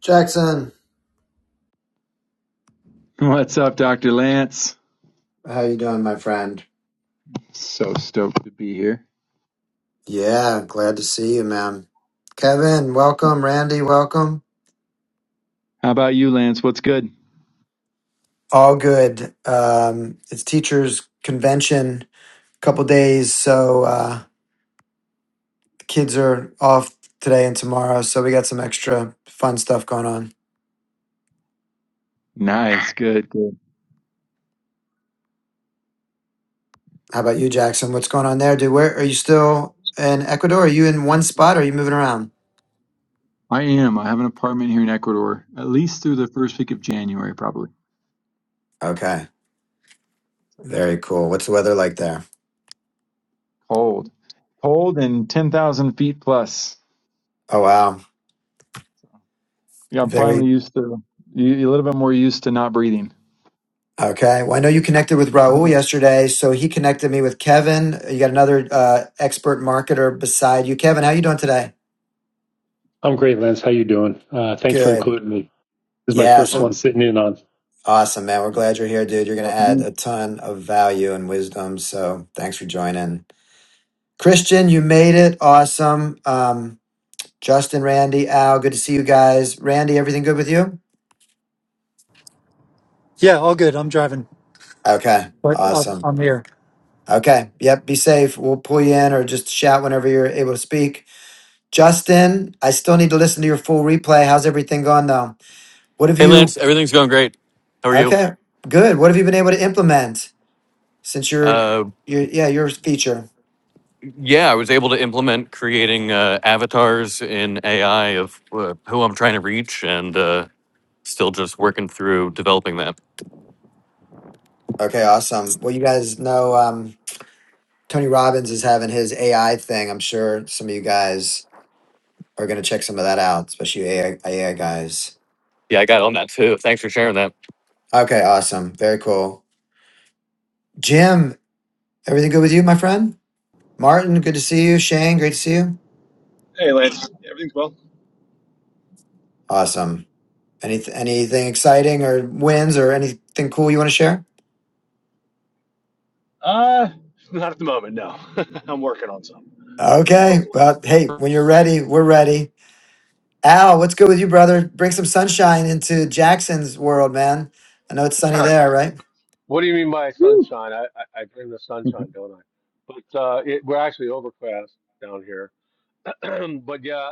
Jackson, What's up, Dr. Lance? How you doing, my friend? So stoked to be here. yeah, glad to see you, man. Kevin, welcome. Randy, welcome. How about you, Lance? What's good? All good. Um, it's teachers' convention, couple days, so uh, the kids are off today and tomorrow, so we got some extra fun stuff going on. Nice, good, good. How about you, Jackson? What's going on there, dude? Where are you still in Ecuador? Are you in one spot? Or are you moving around? I am. I have an apartment here in Ecuador, at least through the first week of January, probably. Okay, very cool. What's the weather like there? Cold. Cold and 10,000 feet plus. Oh wow, Yeah, I'm very finally used to, you- a little bit more used to not breathing. Okay. Well, I know you connected with Raul yesterday, so he connected me with Kevin. You got another uh, expert marketer beside you, Kevin. How you doing today? I'm great, Lance. How you doing? Uh, thanks for Good. including me. This is my Yeah. first So one Awesome. sitting in on. awesome, man. We're glad you're here, dude. You're going to Welcome add in. a ton of value and wisdom. So thanks for joining, Christian. You made it. Awesome. Um, Justin, Randy, Al. Good to see you guys. Randy, everything good with you? Yeah, all good. I'm driving, Okay. but I'm, Awesome. I'm here. Okay. Yep. Be safe. We'll pull you in or just shout whenever you're able to speak. Justin, I still need to listen to your full replay. How's everything gone though? What have Hey, you Lance, everything's going great. How are you? okay, good. What have you been able to implement since your Uh, your yeah, your feature? yeah, I was able to implement creating uh, avatars in AI of uh, who I'm trying to reach and uh, still just working through developing that. Okay, awesome. Well you guys know um Tony Robbins is having his AI thing. I'm sure some of you guys are gonna check some of that out, especially AI, AI guys. Yeah, I got on that too. Thanks for sharing that. Okay, awesome. Very cool. Jim, everything good with you, my friend? Martin, good to see you. Shane, great to see you. Hey, Lance, everything's well? Awesome. Any anything exciting or wins or anything cool you want to share? Uh, not at the moment, no. I'm working on something. Hopefully. Okay. Well, hey, when you're ready, we're ready. Al, what's good with you, brother? Bring some sunshine into Jackson's world, man. I know it's sunny there, right? What do you mean by Woo! sunshine? I, I, I bring the sunshine, don't I? But uh, it, we're actually overcast down here. but yeah,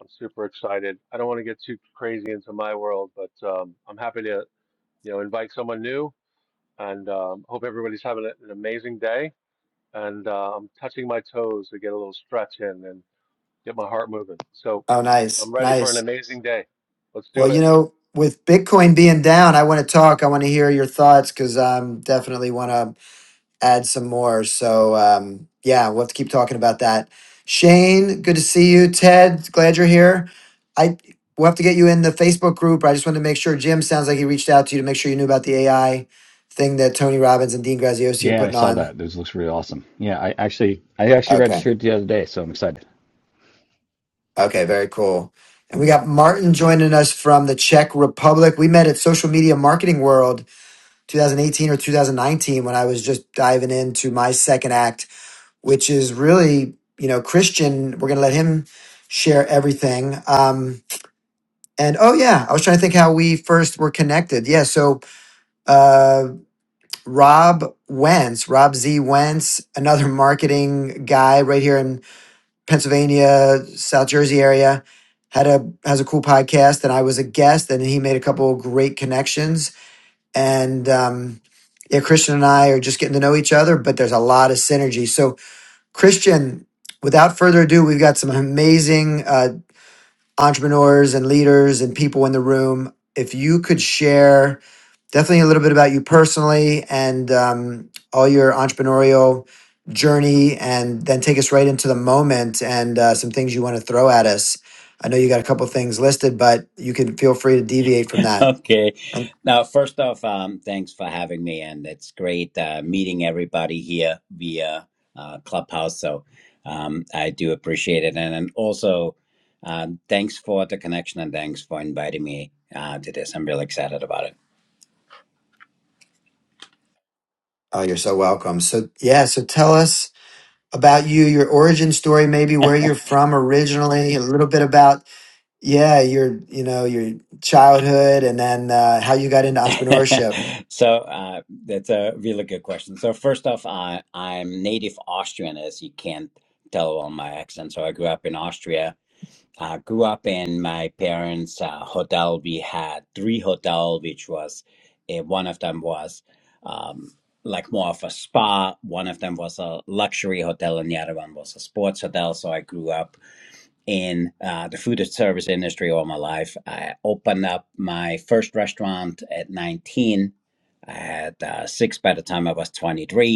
I'm super excited. I don't want to get too crazy into my world, but um, I'm happy to you know invite someone new and um, hope everybody's having a- an amazing day. And uh, I'm touching my toes to get a little stretch in and get my heart moving. So Oh, nice. I'm ready for an Nice. amazing day. Let's Well, do you it. know, with Bitcoin being down, I want to talk. I want to hear your thoughts because I'm definitely want to add some more. So um, yeah, we'll have to keep talking about that. Shane, good to see you. Ted, glad you're here. I we'll have to get you in the Facebook group. I just wanted to make sure Jim sounds like he reached out to you to make sure you knew about the AI thing that Tony Robbins and Dean Graziosi are Yeah, I putting saw on. that. This looks really awesome. Yeah, I actually I actually Okay. registered the other day, so I'm excited. Okay, very cool. And we got Martin joining us from the Czech Republic. We met at Social Media Marketing World 2018 or 2019 when I was just diving into my second act which is really, you know, Christian. We're going to let him share everything. Um, and oh, yeah, I was trying to think how we first were connected. Yeah. So uh, Rob Wentz, Rob Z. Wentz, another marketing guy right here in Pennsylvania, South Jersey area. Had a has a cool podcast, and I was a guest, and he made a couple great connections. And um, yeah, Christian and I are just getting to know each other, but there's a lot of synergy. So Christian, without further ado, we've got some amazing uh, entrepreneurs and leaders and people in the room. If you could share definitely a little bit about you personally and um, all your entrepreneurial journey, and then take us right into the moment and uh, some things you want to throw at us. I know you got a couple things listed, but you can feel free to deviate from that. Okay. And- Now, first off, um, thanks for having me, and it's great uh, meeting everybody here via uh, Clubhouse. So um, I do appreciate it, and, and also um, thanks for the connection, and thanks for inviting me uh, to this. I'm really excited about Oh, you're so welcome. So, yeah, so tell us about you, your origin story, maybe where you're from originally, a little bit about Yeah, your you know your childhood, and then uh, how you got into entrepreneurship. it. so uh, that's a really good question. So first off, I, I'm native Austrian, as you can't tell on my accent. So I grew up in Austria uh, grew up in my parents' uh, hotel. We had three hotel, which was uh, one of them was um, like more of a spa, one of them was a luxury hotel, and the other one was a sports hotel. So I grew up in uh, the food and service industry all my life. I opened up my first restaurant at 19. I had uh, six by the time I was 23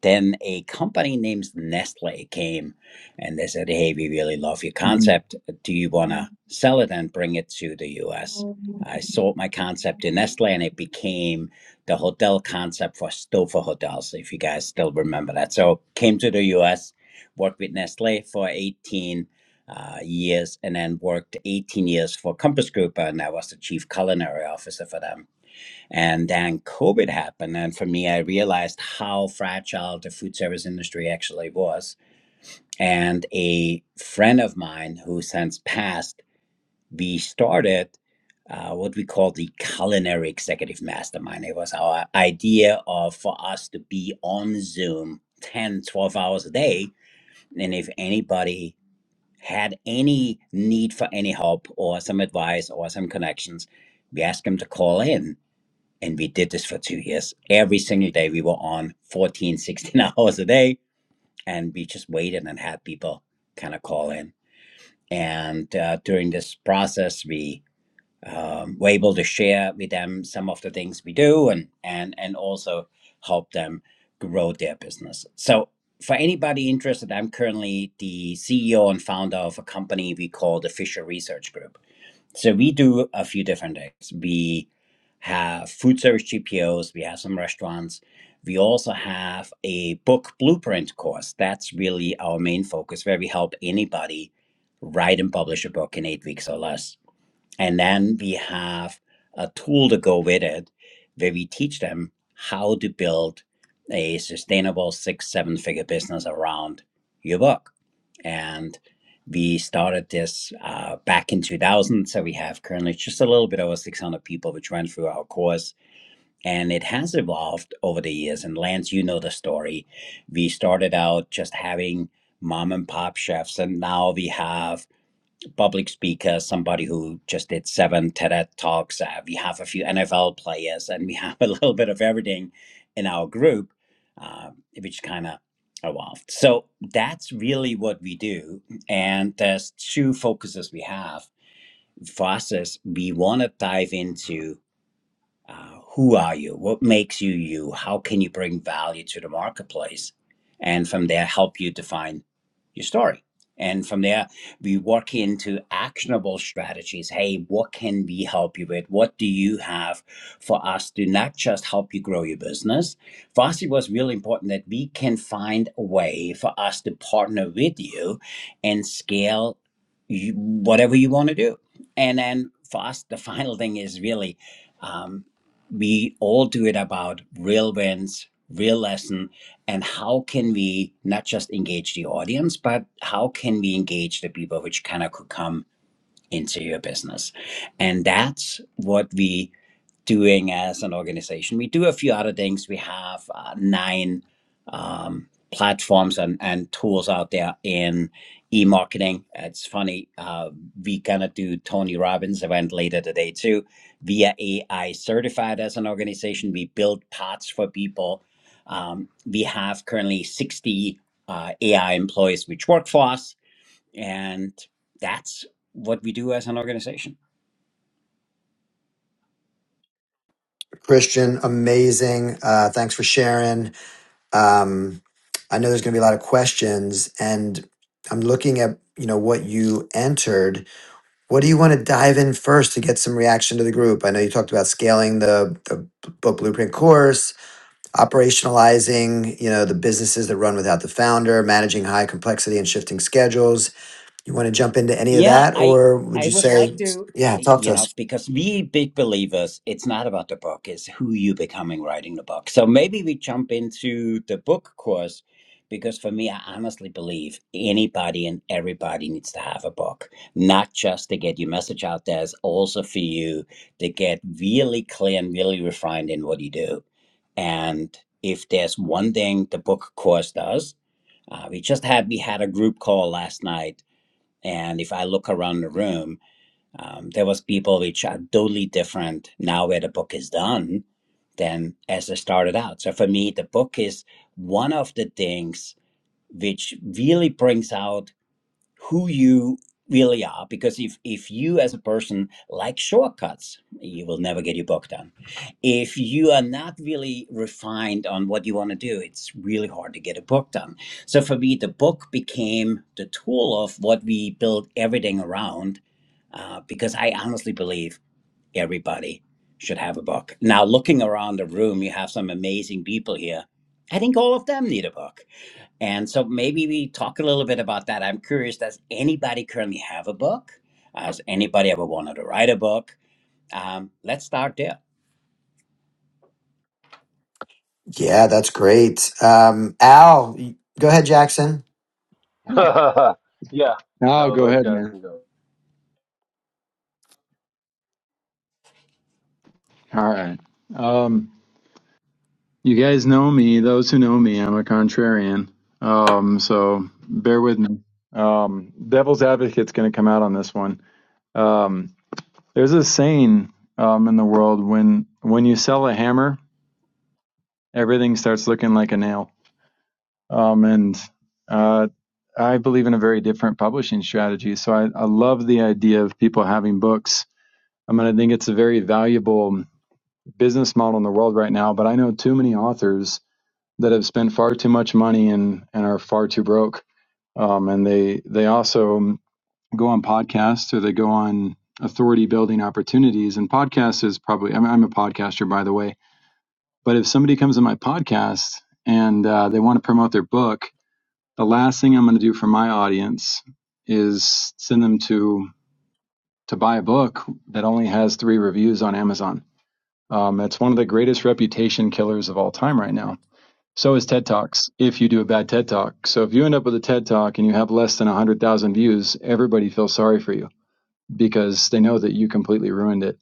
then a company named Nestle came and they said, Hey, we really love your Mhm. concept. Do you want to sell it and bring it to the US? I sold my concept to Nestle and it became the hotel concept for Stouffer Hotels, if you guys still remember that. So came to the US, worked with Nestle for 18 uh, years, and then worked 18 years for Compass Group, and I was the chief culinary officer for them and then COVID happened. And for me, I realized how fragile the food service industry actually was. And a friend of mine who since passed, we started uh, what we call the Culinary Executive Mastermind. It was our idea of for us to be on Zoom 10, 12 hours a day. And if anybody had any need for any help or some advice or some connections, we asked them to call in and we did this for two years. Every single day we were on 14, 16 hours a day and we just waited and had people kind of call in. And uh, during this process, we um, were able to share with them some of the things we do and, and, and also help them grow their business. So for anybody interested, I'm currently the CEO and founder of a company we call the Fisher Research Group. So we do a few different things. We have food service GPOs, we have some restaurants. We also have a book blueprint course. That's really our main focus, where we help anybody write and publish a book in eight weeks or less and then we have a tool to go with it where we teach them how to build a sustainable six, seven figure business around your book. And we started this uh, back in 2000. So we have currently just a little bit over 600 people which run through our course. And it has evolved over the years. And Lance, you know the story. We started out just having mom and pop chefs, and now we have public speaker, somebody who just did seven TED talks. Uh, we have a few NFL players, and we have a little bit of everything in our group, uh, which kind of evolved. So that's really what we do. And there's two focuses we have. For us, is we want to dive into uh, who are you what makes you you how can you bring value to the marketplace and from there help you define your story and from there we work into actionable strategies hey what can we help you with what do you have for us to not just help you grow your business for us it was really important that we can find a way for us to partner with you and scale you, whatever you want to do and then for us the final thing is really um, we all do it about real wins real lesson and how can we not just engage the audience but how can we engage the people which kind of could come into your business and that's what we doing as an organization. We do a few other things. We have uh, nine um, platforms and, and tools out there in e-marketing. It's funny, uh, we gonna do Tony Robbins event later today too. We are AI certified as an organization. We build paths for people. Um, we have currently 60 uh, AI employees which work for us, and that's what we do as an organization. Christian, amazing. Uh, thanks for sharing. Um, I know there's going to be a lot of questions, and I'm looking at you know what you entered. What do you want to dive in first to get some reaction to the group? I know you talked about scaling the the book blueprint course, operationalizing you know the businesses that run without the founder, managing high complexity and shifting schedules You want to jump into any of Yeah, that, I or would I you would like say, to, yeah, talk you to know, us? because we big believers, it's not about the book, it's who you becoming writing the book. So maybe we jump into the book course because for me, I honestly believe anybody and everybody needs to have a book, not just to get your message out there, it's also for you to get really clear and really refined in what you do. And if there's one thing the book course does, uh, we just had we had a group call last night and if I look around the room, um, there was people which are totally different now where the book is done than as I started out. So for me, the book is one of the things which really brings out who you really are because if if you as a person like shortcuts you will never get your book done if you are not really refined on what you want to do it's really hard to get a book done so for me the book became the tool of what we build everything around uh, because i honestly believe everybody should have a book now looking around the room you have some amazing people here i think all of them need a book and so maybe we talk a little bit about that. I'm curious, does anybody currently have a book? Has anybody ever wanted to write a book? Um, let's start there. Yeah, that's great. Um, Al, y- go ahead, Jackson. Yeah. yeah. Oh, No, go let ahead, man. Jackson go. All right. You guys know me. Those who know me, I'm a contrarian. Um, so bear with me. Um, devil's advocate's going to come out on this one. Um, there's a saying um, in the world when when you sell a hammer, everything starts looking like a nail. Um, and uh, I believe in a very different publishing strategy. So I, I love the idea of people having books. I mean, I think it's a very valuable business model in the world right now. But I know too many authors that have spent far too much money and and are far too broke. Um, and they they also go on podcasts or they go on authority building opportunities. And podcasts is probably I'm, I'm a podcaster by the way. But if somebody comes to my podcast and uh, they want to promote their book, the last thing I'm going to do for my audience is send them to to buy a book that only has three reviews on Amazon. Um, it's one of the greatest reputation killers of all time right now So is TED Talks if you do a bad TED Talk. So if you end up with a TED Talk and you have less than 100,000 views, everybody feels sorry for you because they know that you completely ruined it.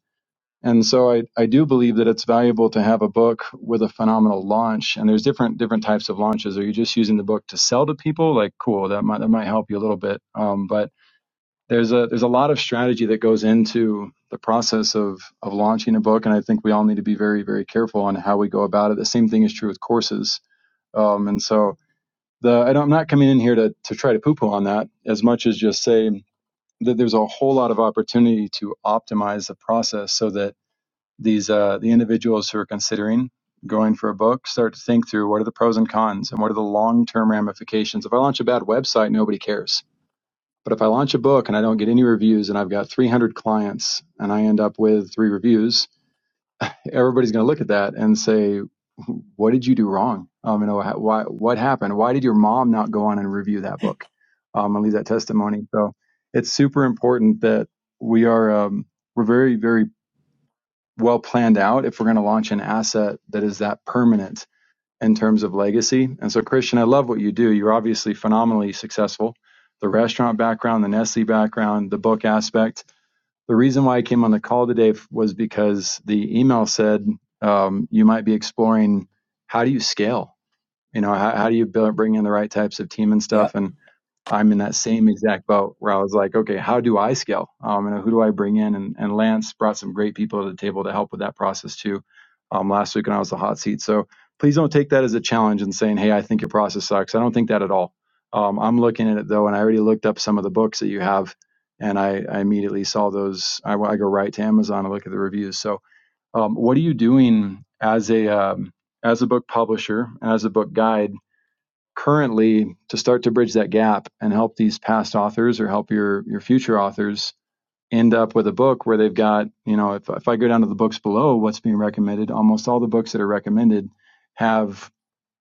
And so I, I do believe that it's valuable to have a book with a phenomenal launch. And there's different different types of launches. Are you just using the book to sell to people? Like, cool, that might that might help you a little bit. Um, but there's a there's a lot of strategy that goes into the process of of launching a book. And I think we all need to be very very careful on how we go about it. The same thing is true with courses. Um, and so the I don't, I'm not coming in here to to try to poo poo on that as much as just say that there's a whole lot of opportunity to optimize the process so that these uh, the individuals who are considering going for a book start to think through what are the pros and cons and what are the long term ramifications. If I launch a bad website, nobody cares. But if I launch a book and I don't get any reviews and I've got 300 clients and I end up with three reviews, everybody's going to look at that and say, "What did you do wrong? Um, you know, why? What happened? Why did your mom not go on and review that book um, and leave that testimony?" So it's super important that we are um, we're very very well planned out if we're going to launch an asset that is that permanent in terms of legacy. And so, Christian, I love what you do. You're obviously phenomenally successful. The restaurant background, the Nestle background, the book aspect the reason why I came on the call today was because the email said um, you might be exploring how do you scale? You know, how, how do you build, bring in the right types of team and Yeah. stuff? And I'm in that same exact boat where I was like, okay, how do I scale? Um, and who do I bring in? And, and Lance brought some great people to the table to help with that process too um, last week when I was the hot seat. So please don't take that as a challenge and saying, hey, I think your process sucks. I don't think that at all. Um, I'm looking at it though, and I already looked up some of the books that you have, and I, I immediately saw those. I, I go right to Amazon and look at the reviews. So um, what are you doing as a um, as a book publisher, as a book guide? currently to start to bridge that gap and help these past authors or help your your future authors end up with a book where they've got you know if, if i go down to the books below what's being recommended almost all the books that are recommended have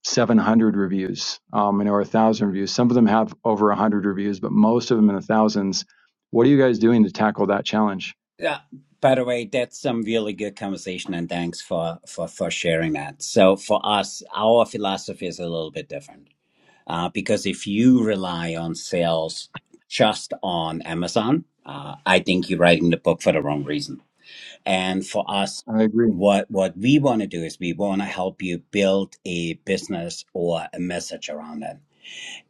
700 reviews um, and or 1000 reviews some of them have over 100 reviews but most of them in the thousands what are you guys doing to tackle that challenge Yeah. By the way, that's some really good conversation and thanks for, for, for sharing that. So for us, our philosophy is a little bit different uh, because if you rely on sales just on Amazon, uh, I think you're writing the book for the wrong reason And for us, i agree what what we want to do is we want to help you build a business or a message around it.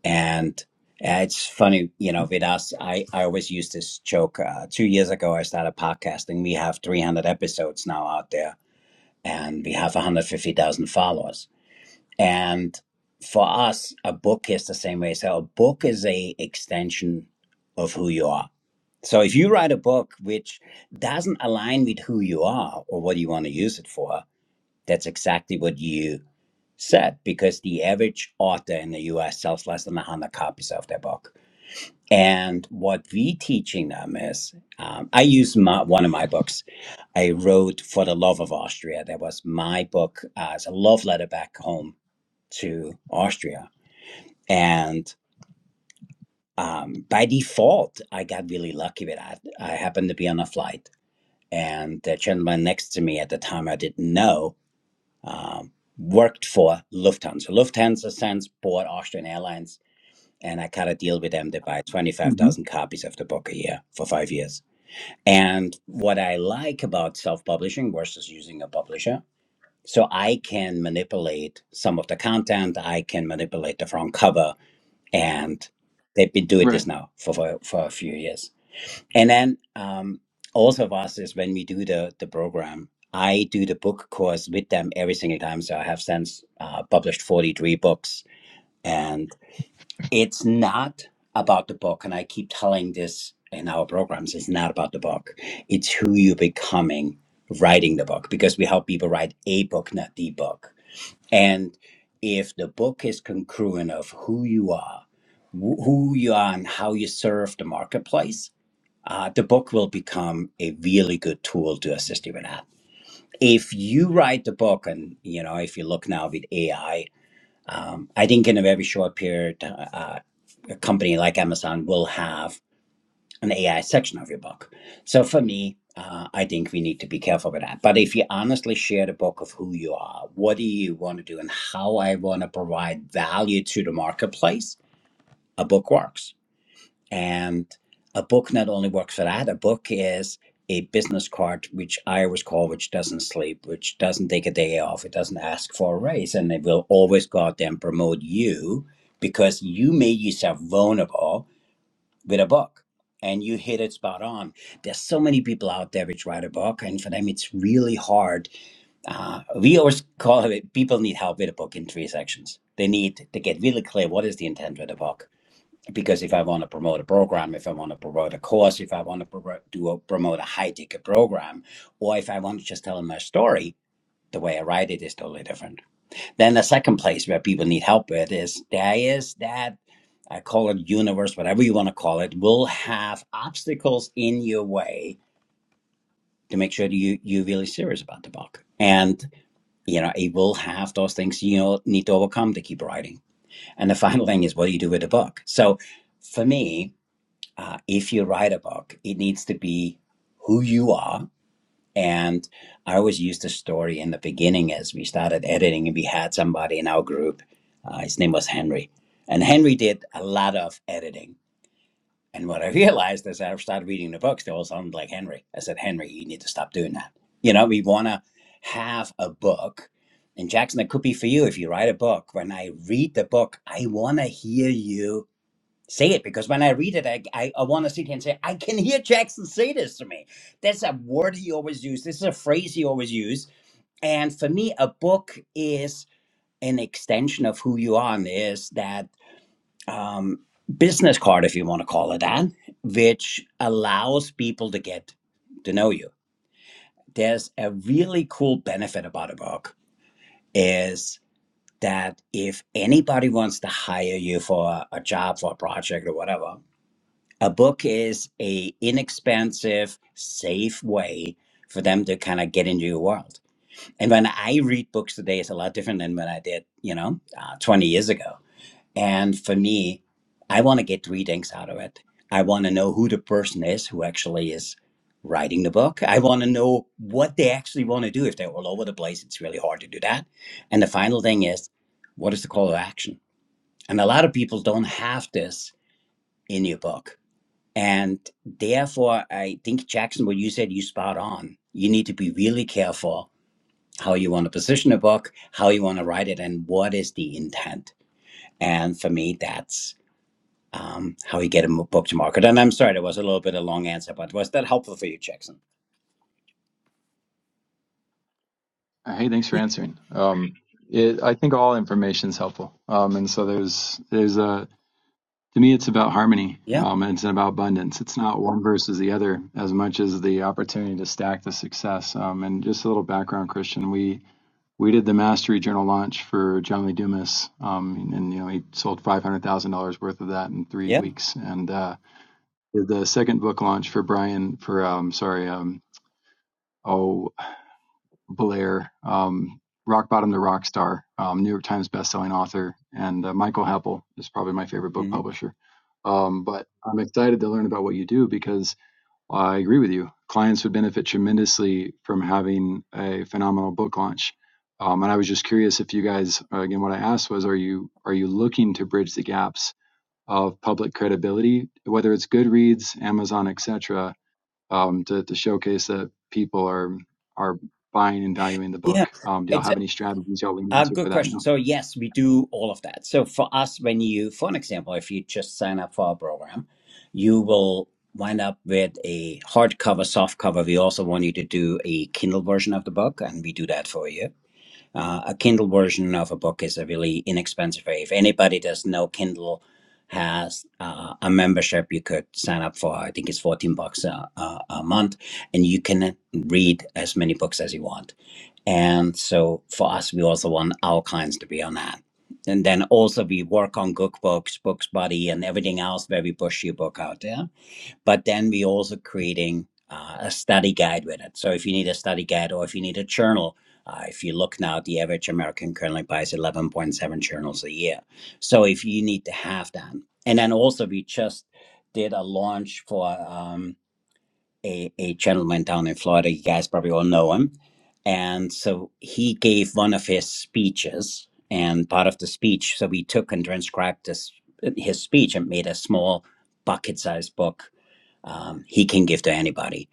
And uh, it's funny, you know, with us, I, I always use this joke. Uh, two years ago, I started podcasting. We have 300 episodes now out there, and we have 150,000 followers. And for us, a book is the same way. So a book is a extension of who you are. So if you write a book which doesn't align with who you are or what you want to use it for, that's exactly what you said because the average author in the US sells less than 100 copies of their book. And what we teaching them is, um, I use my, one of my books. I wrote for the love of Austria. That was my book uh, as a love letter back home to Austria. And um, by default, I got really lucky with that. I happened to be on a flight, and the gentleman next to me at the time I didn't know um, worked for Lufthansa. Lufthansa since bought Austrian Airlines, and I cut a deal with them to buy hmm 25,000 copies of the book a year for five years. And what I like about self publishing versus using a publisher. So I can manipulate some of the content. I can manipulate the front cover and they've been doing this right now for for, for a few years. And then um, also of us is when we do the the program, I do the book course with them every single time. So I have since uh, published forty three books, and it's not about the book. And I keep telling this in our programs: it's not about the book. It's who you're becoming writing the book because we help people write a book, not the book. And if the book is congruent of who you are who you are and how you serve the marketplace, uh, the book will become a really good tool to assist you with that. If you write the book, and you know, if you look now with AI, um, I think in a very short period, uh, a company like Amazon will have an AI section of your book. So for me, uh, I think we need to be careful with that. But if you honestly share the book of who you are, what do you want to do, and how I want to provide value to the marketplace, a book works and a book not only works for that, a book is a business card, which I always call, which doesn't sleep, which doesn't take a day off, it doesn't ask for a raise, and it will always goddamn promote you because you made yourself vulnerable with a book. And you hit it spot on. There's so many people out there which write a book, and for them it's really hard. Uh, we always call it people need help with a book in three sections. They need to get really clear what is the intent with a book because if I want to promote a program, if I want to promote a course, if I want to promote, do a, promote a high ticket program, or if I want to just tell them my story, the way I write it is totally different. Then the second place where people need help with is there is that I call it universe, whatever you want to call it, will have obstacles in your way to make sure that you you're really serious about the book, and you know it will have those things you know need to overcome to keep writing. And the final thing is, what do you do with the book? So, for me, uh, if you write a book, it needs to be who you are. And I always used the story in the beginning as we started editing, and we had somebody in our group. Uh, his name was Henry. And Henry did a lot of editing. And what I realized as I started reading the books, they all sounded like Henry. I said, Henry, you need to stop doing that. You know, we want to have a book. And Jackson, that could be for you if you write a book. When I read the book, I want to hear you say it because when I read it, I, I, I want to sit here and say, I can hear Jackson say this to me. That's a word he always used. This is a phrase he always used. And for me, a book is an extension of who you are and is that um, business card, if you want to call it that, which allows people to get to know you. There's a really cool benefit about a book is that if anybody wants to hire you for a job, for a project or whatever, a book is a inexpensive safe way for them to kind of get into your world and when i read books today it's a lot different than when i did you know uh, 20 years ago and for me i want to get readings out of it i want to know who the person is who actually is writing the book i want to know what they actually want to do if they're all over the place it's really hard to do that and the final thing is what is the call to action and a lot of people don't have this in your book and therefore, I think Jackson, what you said, you spot on. You need to be really careful how you want to position a book, how you want to write it, and what is the intent. And for me, that's um, how you get a book to market. And I'm sorry, that was a little bit of a long answer, but was that helpful for you, Jackson? hey thanks for answering um, it, i think all information is helpful um, and so there's there's a To me, it's about harmony. Yeah, Um, and it's about abundance. It's not one versus the other as much as the opportunity to stack the success. Um, and just a little background, Christian. We we did the Mastery Journal launch for John Lee Dumas, um, and, and you know he sold five hundred thousand dollars worth of that in three yeah, weeks. And uh, did the second book launch for Brian for um, sorry um, oh. Blair, um, Rock Bottom to Rock Star, um, New York Times bestselling author, and uh, Michael Heppel is probably my favorite book hmm publisher. Um, but I'm excited to learn about what you do because I agree with you. Clients would benefit tremendously from having a phenomenal book launch. Um, and I was just curious if you guys, uh, again, what I asked was, are you are you looking to bridge the gaps of public credibility, whether it's Goodreads, Amazon, etc um, to, to showcase that people are are buying and valuing the yeah. book. Um, do y'all It's a, have any strategies y'all lean Uh, into good for that now? question. So yes, we do all of that. So for us, when you, for an example, if you just sign up for our program, you will wind up with a hardcover, softcover. We also want you to do a Kindle version of the book, and we do that for you. Uh, a Kindle version of a book is a really inexpensive way. If anybody does know Kindle has uh, a membership, you could sign up for. I think it's fourteen bucks a, a, a month, and you can read as many books as you want and so for us, we also want our clients to be on that. And then also we work on cookbooks, books buddy, and everything else where we push your book out there. But then we also creating uh, a study guide with it. So if you need a study guide or if you need a journal, uh, if you look now, the average American currently buys 11.7 journals a year. So if you need to have that, and then also we just did a launch for. um, a, a gentleman down in Florida. You guys probably all know him. And so he gave one of his speeches, and part of the speech, so we took and transcribed this, his speech and made a small bucket sized book um, he can give to anybody.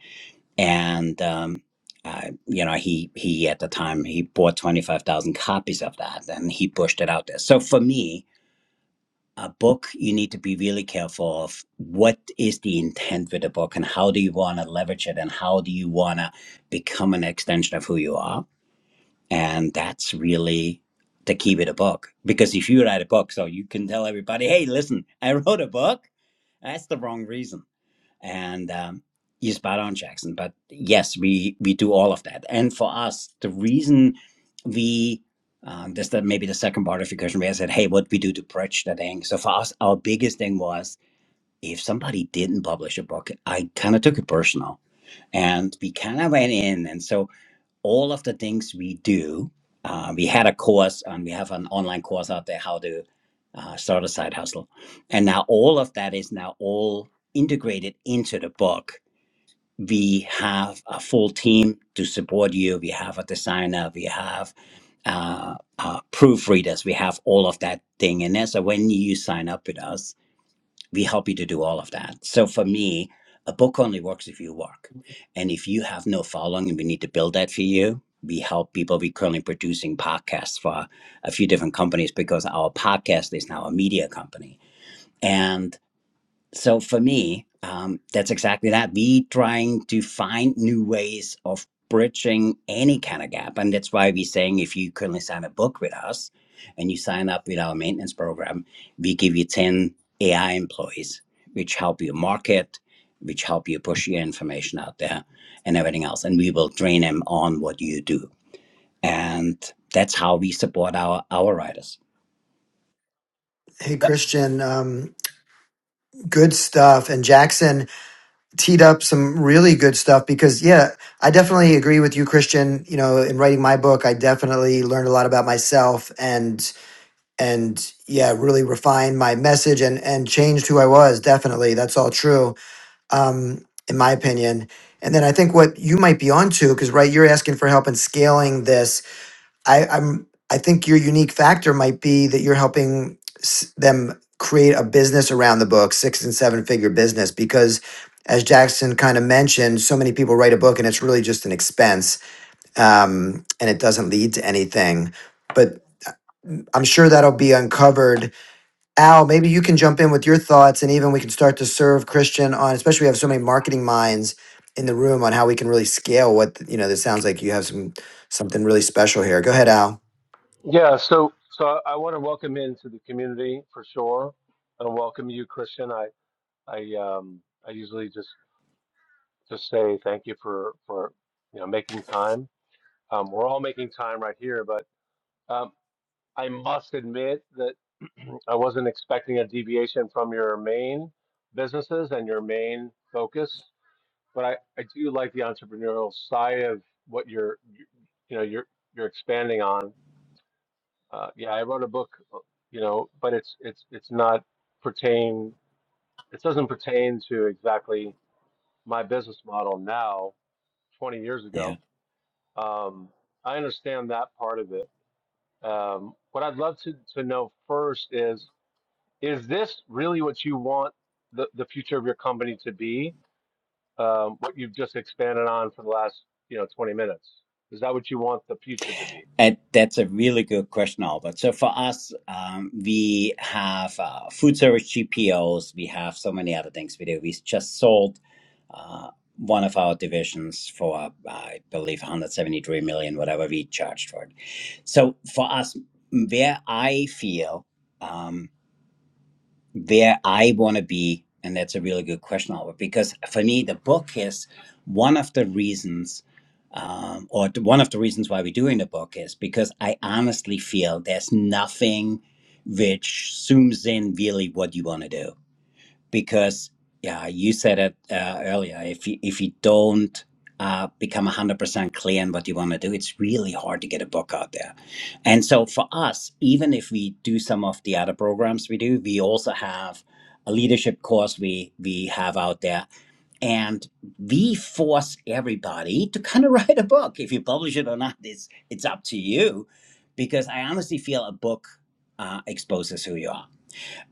And, um, uh, you know, he, he at the time, he bought 25,000 copies of that and he pushed it out there. So for me, a book you need to be really careful of what is the intent with the book and how do you want to leverage it and how do you want to become an extension of who you are and that's really the key with a book because if you write a book so you can tell everybody hey listen i wrote a book that's the wrong reason and um, he's spot Jackson. But yes, we we do all of that. And for us, the reason we um, this that maybe the second part of your question where I said, hey, what we do to bridge that thing. So for us, our biggest thing was if somebody didn't publish a book, I kind of took it personal, and we kind of went in, and so all of the things we do. Uh, we had a course, and we have an online course out there how to uh, start a side hustle, and now all of that is now all integrated into the book we have a full team to support you. We have a designer, we have uh, uh, proofreaders, we have all of that thing in there. So when you sign up with us, we help you to do all of that. So for me, a book only works if you work. And if you have no following and we need to build that for you, we help people. We're currently producing podcasts for a few different companies because our podcast is now a media company and. So for me, um, that's exactly that. We trying to find new ways of bridging any kind of gap, and that's why we're saying if you currently sign a book with us and you sign up with our maintenance program, we give you ten AI employees, which help you market, which help you push your information out there, and everything else, and we will train them on what you do, and that's how we support our our writers. Hey, Yep. Christian, um, good stuff. And Jackson teed up some really good stuff because, yeah, I definitely agree with you, Christian. You know, in writing my book, I definitely learned a lot about myself and, and yeah, really refined my message and, and changed who I was. Definitely. That's all true um, in my opinion. And then I think what you might be onto, because right, you're asking for help in scaling this. I, I'm, I think your unique factor might be that you're helping s- them create a business around the book, six and seven figure business, because as Jackson kind of mentioned, so many people write a book and it's really just an expense, um, and it doesn't lead to anything. But I'm sure that'll be uncovered Al, maybe you can jump in with your thoughts, and even we can start to serve Christian on, especially we have so many marketing minds in the room on how we can really scale what you know. This sounds like you have some something really special here. Go ahead, Al. Yeah, so so I, I want to welcome into the community for sure, and welcome you, Christian. I I um I usually just just say thank you for for you know making time. Um, we're all making time right here, but um, I must admit that I wasn't expecting a deviation from your main businesses and your main focus, but I I do like the entrepreneurial side of what you're you, you know you're you're expanding on Uh, yeah, I wrote a book, uh, you know, but it's it's it's not pertain. It doesn't pertain to exactly my business model now. Twenty years Yeah. ago, um, I understand that part of it. Um, what I'd love to to know first is is this really what you want the the future of your company to be? Um, what you've just expanded on for the last you know twenty minutes. Is that what you want the future to be? And that's a really good question, Albert. So for us, um, we have uh, food service GPOs. We have so many other things we do. We just sold uh, one of our divisions for, uh, I believe, 173 million, whatever we charged for it. So for us, where I feel. Um, where I want to be? And that's a really good question, Albert, because for me, the book is one of the reasons, um, or the- one of the reasons why we're doing the book is because I honestly feel there's nothing which zooms in really what you want to do because yeah, you said it uh, earlier. If you if you don't uh, become one hundred percent clear in what you want to do, it's really hard to get a book out there. And so for us, even if we do some of the other programs we do, we also have a leadership course we we have out there, and we force everybody to kind of write a book. If you publish it or not, it's it's up to you, because I honestly feel a book uh, exposes who you are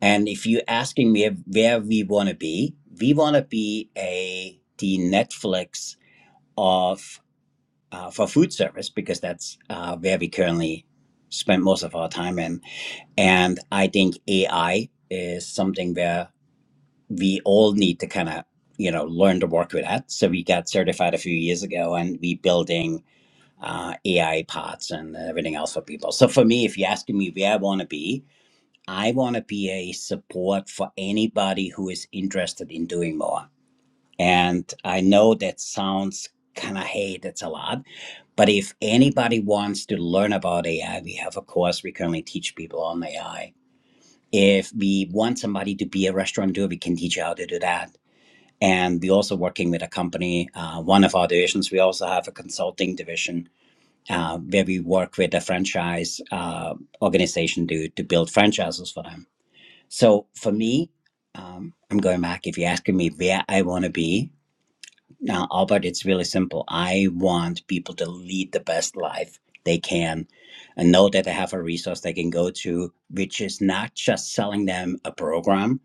and if you're asking me where we want to be, we want to be a the Netflix of uh, for food service because that's uh, where we currently spend most of our time in. And I think AI is something where we all need to kind of you know learn to work with that. So we got certified a few years ago, and we building uh, AI parts and everything else for people. So for me, if you're asking me where I want to be, I want to be a support for anybody who is interested in doing more. And I know that sounds kind of, hey, that's a lot. But if anybody wants to learn about AI, we have a course we currently teach people on AI. If we want somebody to be a restaurateur, we can teach you how to do that. And we're also working with a company, uh, one of our divisions. We also have a consulting division uh, where we work with a franchise uh, organization to, to build franchises for them. So for me, um, I'm going back. If you're asking me where I want to be, now, Albert, it's really simple. I want people to lead the best life they can and know that they have a resource they can go to, which is not just selling them a program.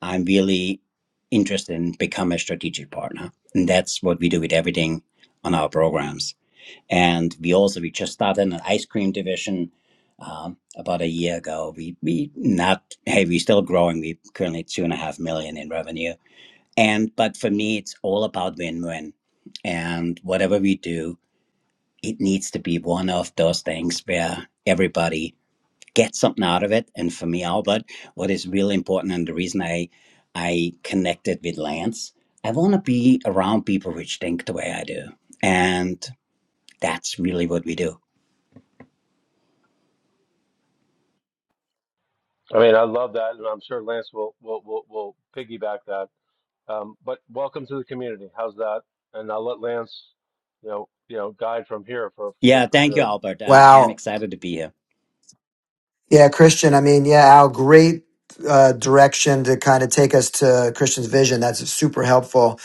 I'm really interested in becoming a strategic partner. And that's what we do with everything on our programs and we also we just started an ice cream division um, about a year ago. We we not hey we're still growing. We currently two and a half million in revenue. And but for me, it's all about win win, and whatever we do, it needs to be one of those things where everybody gets something out of it. And for me, Albert, what is really important and the reason I I connected with Lance, I want to be around people which think the way I do, and that's really what we do I mean, I love that, and I'm sure Lance will will will, will piggyback that Um, but welcome to the community. How's that? And I'll let Lance, you know, you know, guide from here for for sure. Yeah, For thank you, sure. Albert. I, I'm Wow. excited to be here. Yeah, Christian. I mean, yeah, Al, great uh, direction to kind of take us to Christian's vision. That's super helpful.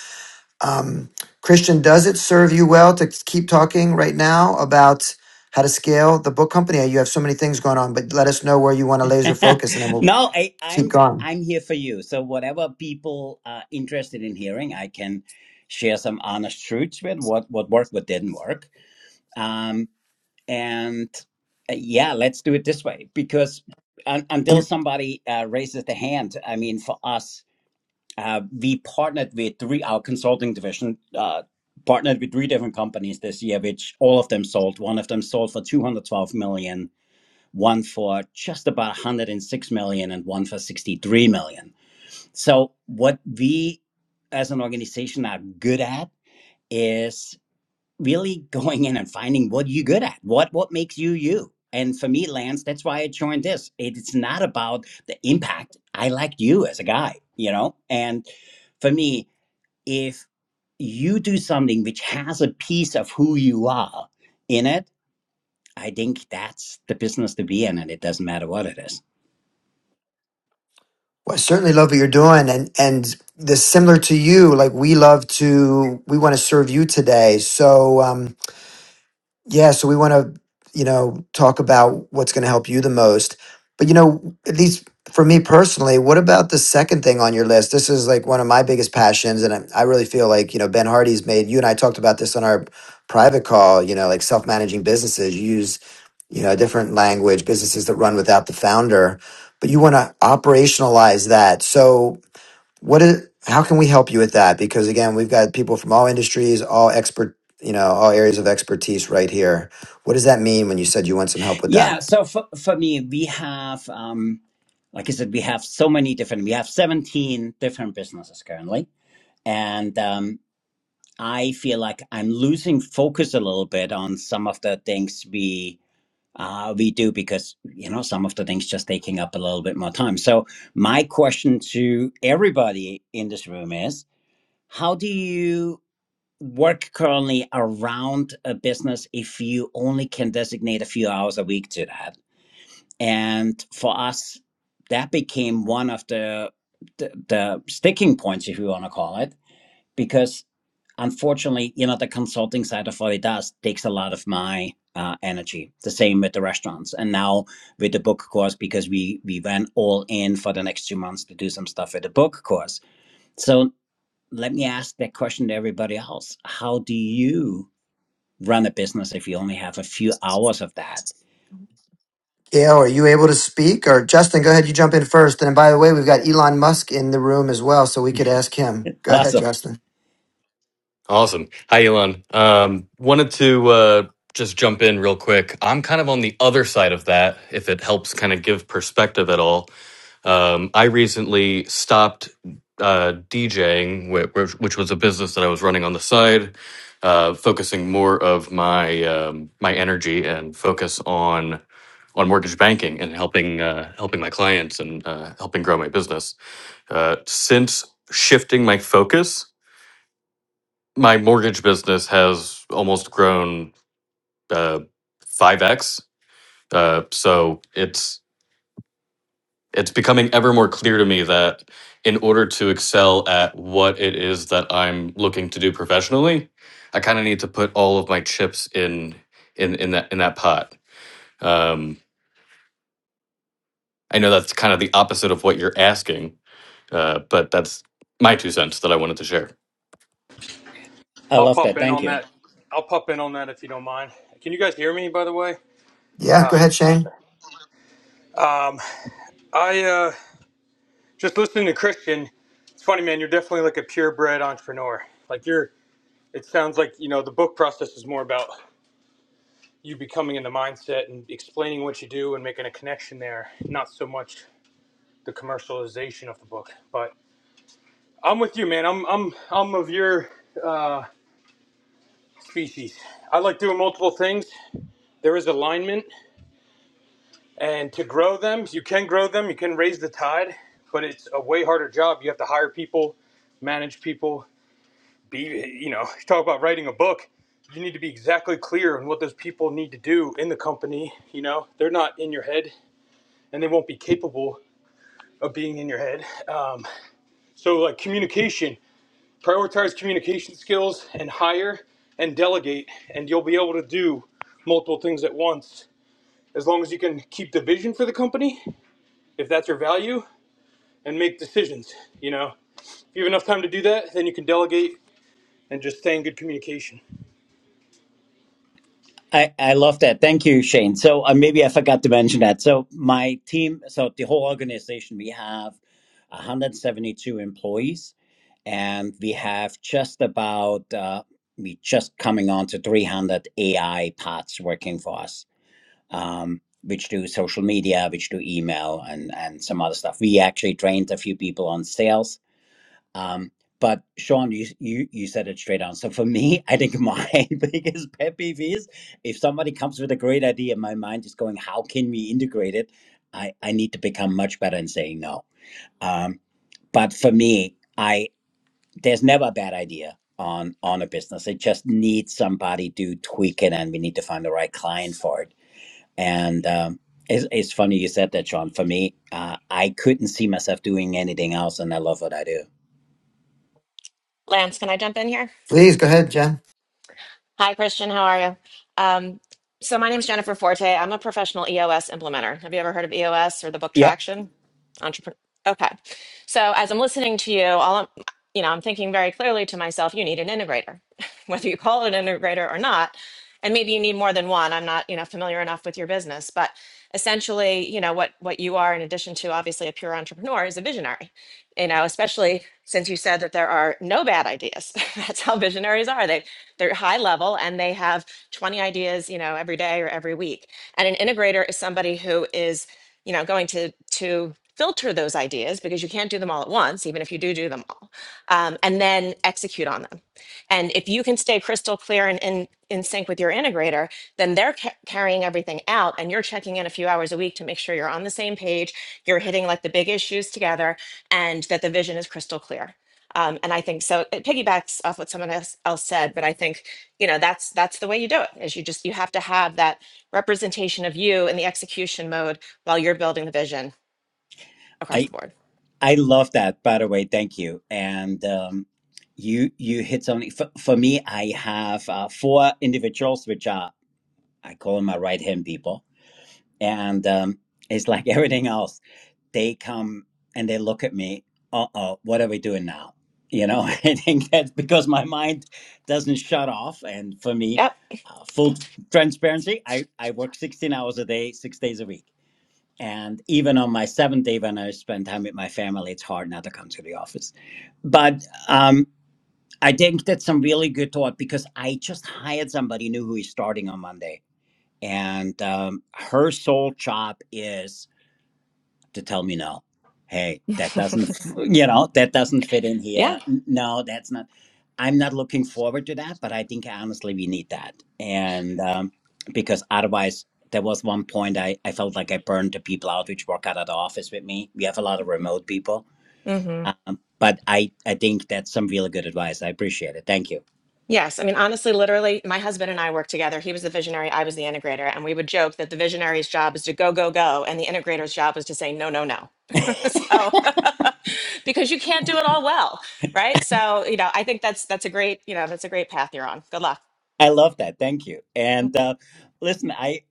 Um, Christian, does it serve you well to keep talking right now about how to scale the book company? You have so many things going on, but let us know where you want to laser focus, and then we'll no, I, keep I'm going. I'm here for you. So whatever people are interested in hearing, I can share some honest truths with what what worked, what didn't work. Um, and uh, yeah, let's do it this way because un, until somebody uh, raises the hand, I mean, for us, uh, we partnered with three our consulting division. Uh, partnered with three different companies this year which all of them sold one of them sold for 212 million one for just about 106 million and one for 63 million. So, what we as an organization are good at is really going in and finding what you're good at, what what makes you you. And for me, Lance, that's why I joined this. It's not about the impact. I like you as a guy, you know? And for me, if you do something which has a piece of who you are in it, I think that's the business to be in, and it doesn't matter what it is. Well, I certainly love what you're doing, and and this similar to you. Like we love to, we want to serve you today. So, um, Yeah, so we want to, you know, talk about what's going to help you the most. But you know, at least for me personally, what about the second thing on your list? This is like one of my biggest passions, and I, I really feel like you know Ben Hardy's made. You and I talked about this on our private call. You know, like self-managing businesses you use, you know, a different language. Businesses that run without the founder, but you want to operationalize that. So what is? How can we help you with that? Because again, we've got people from all industries, all expert, you know, all areas of expertise right here. What does that mean when you said you want some help with that? Yeah, so for, for me, we have, um, like I said, we have so many different, we have 17 different businesses currently. And um, I feel like I'm losing focus a little bit on some of the things we uh, we do because, you know, some of the things just taking up a little bit more time. So my question to everybody in this room is, how do you work currently around a business if you only can designate a few hours a week to that? and for us that became one of the the, the sticking points if you want to call it because unfortunately you know the consulting side of what it does takes a lot of my uh, energy the same with the restaurants and now with the book course because we we went all in for the next two months to do some stuff with the book course so let me ask that question to everybody else how do you run a business if you only have a few hours of that Gail, are you able to speak? Or Justin, go ahead, you jump in first. And by the way, we've got Elon Musk in the room as well, so we could ask him. Go ahead, awesome Justin. Awesome. Hi, Elon. Um, wanted to uh, just jump in real quick. I'm kind of on the other side of that, if it helps kind of give perspective at all. Um, I recently stopped uh, DJing, whi- which, which was a business that I was running on the side, uh, focusing more of my um, my energy and focus on on mortgage banking and helping uh, helping my clients and uh, helping grow my business. Uh, since shifting my focus my mortgage business has almost grown uh, five x. Uh, so it's it's becoming ever more clear to me that in order to excel at what it is that I'm looking to do professionally, I kind of need to put all of my chips in in in that in that pot. Um, I know that's kind of the opposite of what you're asking, uh, but that's my two cents that I wanted to share. i I'll love pop that in thank on you that. I'll pop in on that if you don't mind. Can you guys hear me, by the way? Yeah, go Uh, ahead, Shane. um, I uh, just listening to Christian. It's funny, man. You're definitely like a purebred entrepreneur. Like you're. It sounds like you know the book process is more about you becoming in the mindset and explaining what you do and making a connection there. Not so much the commercialization of the book. But I'm with you, man. I'm I'm I'm of your uh, species. I like doing multiple things. There is alignment And to grow them, you can grow them, you can raise the tide, but it's a way harder job. You have to hire people, manage people, be, you know, talk about writing a book. You need to be exactly clear on what those people need to do in the company. You know, they're not in your head and they won't be capable of being in your head. Um, so, like communication, prioritize communication skills and hire and delegate, and you'll be able to do multiple things at once as long as you can keep the vision for the company, if that's your value, and make decisions. You know, if you have enough time to do that, then you can delegate and just stay in good communication. I, I love that. Thank you, Shane. So uh, maybe I forgot to mention that. So my team, so the whole organization, we have 172 employees, and we have just about uh, we just coming on to 300 AI pods working for us, um, which do social media, which do email, and and some other stuff. We actually trained a few people on sales um, but Sean, you, you you said it straight on. So for me, I think my biggest pet peeve is if somebody comes with a great idea, my mind is going, how can we integrate it? I, I need to become much better in saying no. Um, but for me, I there's never a bad idea on on a business. It just needs somebody to tweak it, and we need to find the right client for it. And um, it's, it's funny you said that, Sean. For me, uh, I couldn't see myself doing anything else, and I love what I do. Lance, can I jump in here? Please, go ahead, Jen. Hi, Christian. How are you? Um, so my name's Jennifer Forte. I'm a professional EOS implementer. Have you ever heard of EOS or the book Yeah, Traction? Entrepreneur. Okay. So as I'm listening to you, all I'm, you know, I'm thinking very clearly to myself, you need an integrator, whether you call it an integrator or not. And maybe you need more than one. I'm not, you know, familiar enough with your business, but essentially, you know, what what you are in addition to obviously a pure entrepreneur is a visionary you know, especially since you said that there are no bad ideas. That's how visionaries are. They they're high level and they have 20 ideas, you know, every day or every week. And an integrator is somebody who is, you know, going to to filter those ideas because you can't do them all at once, even if you do do them all, um, and then execute on them. And if you can stay crystal clear and in in sync with your integrator, then they're ca- carrying everything out, and you're checking in a few hours a week to make sure you're on the same page. You're hitting like the big issues together, and that the vision is crystal clear. Um, and I think so. It piggybacks off what someone else, else said, but I think you know that's that's the way you do it. Is you just you have to have that representation of you in the execution mode while you're building the vision across I the board. I love that. By the way, thank you. And um, you you hit something for, for me. I have uh, four individuals, which are I call them my right hand people. and um, it's like everything else they come and they look at me uh-oh what are we doing now you know i think that's because my mind doesn't shut off and for me Yep. uh, full transparency I, I work 16 hours a day six days a week and even on my seventh day when i spend time with my family it's hard not to come to the office but um, i think that's some really good thought because i just hired somebody new who is starting on monday and um, her sole job is to tell me no. Hey, that doesn't, you know, that doesn't fit in here. Yeah. No, that's not. I'm not looking forward to that, but I think honestly we need that, and um, because otherwise, there was one point I I felt like I burned the people out which work out of the office with me. We have a lot of remote people, Hmm. um, but I I think that's some really good advice. I appreciate it. Thank you. Yes, I mean, honestly, literally, my husband and I worked together. He was the visionary, I was the integrator, and we would joke that the visionary's job is to go, go, go, and the integrator's job is to say no, no, no. so, because you can't do it all well, right? So, you know, I think that's that's a great, you know, that's a great path you're on. Good luck. I love that. Thank you. And uh, listen, I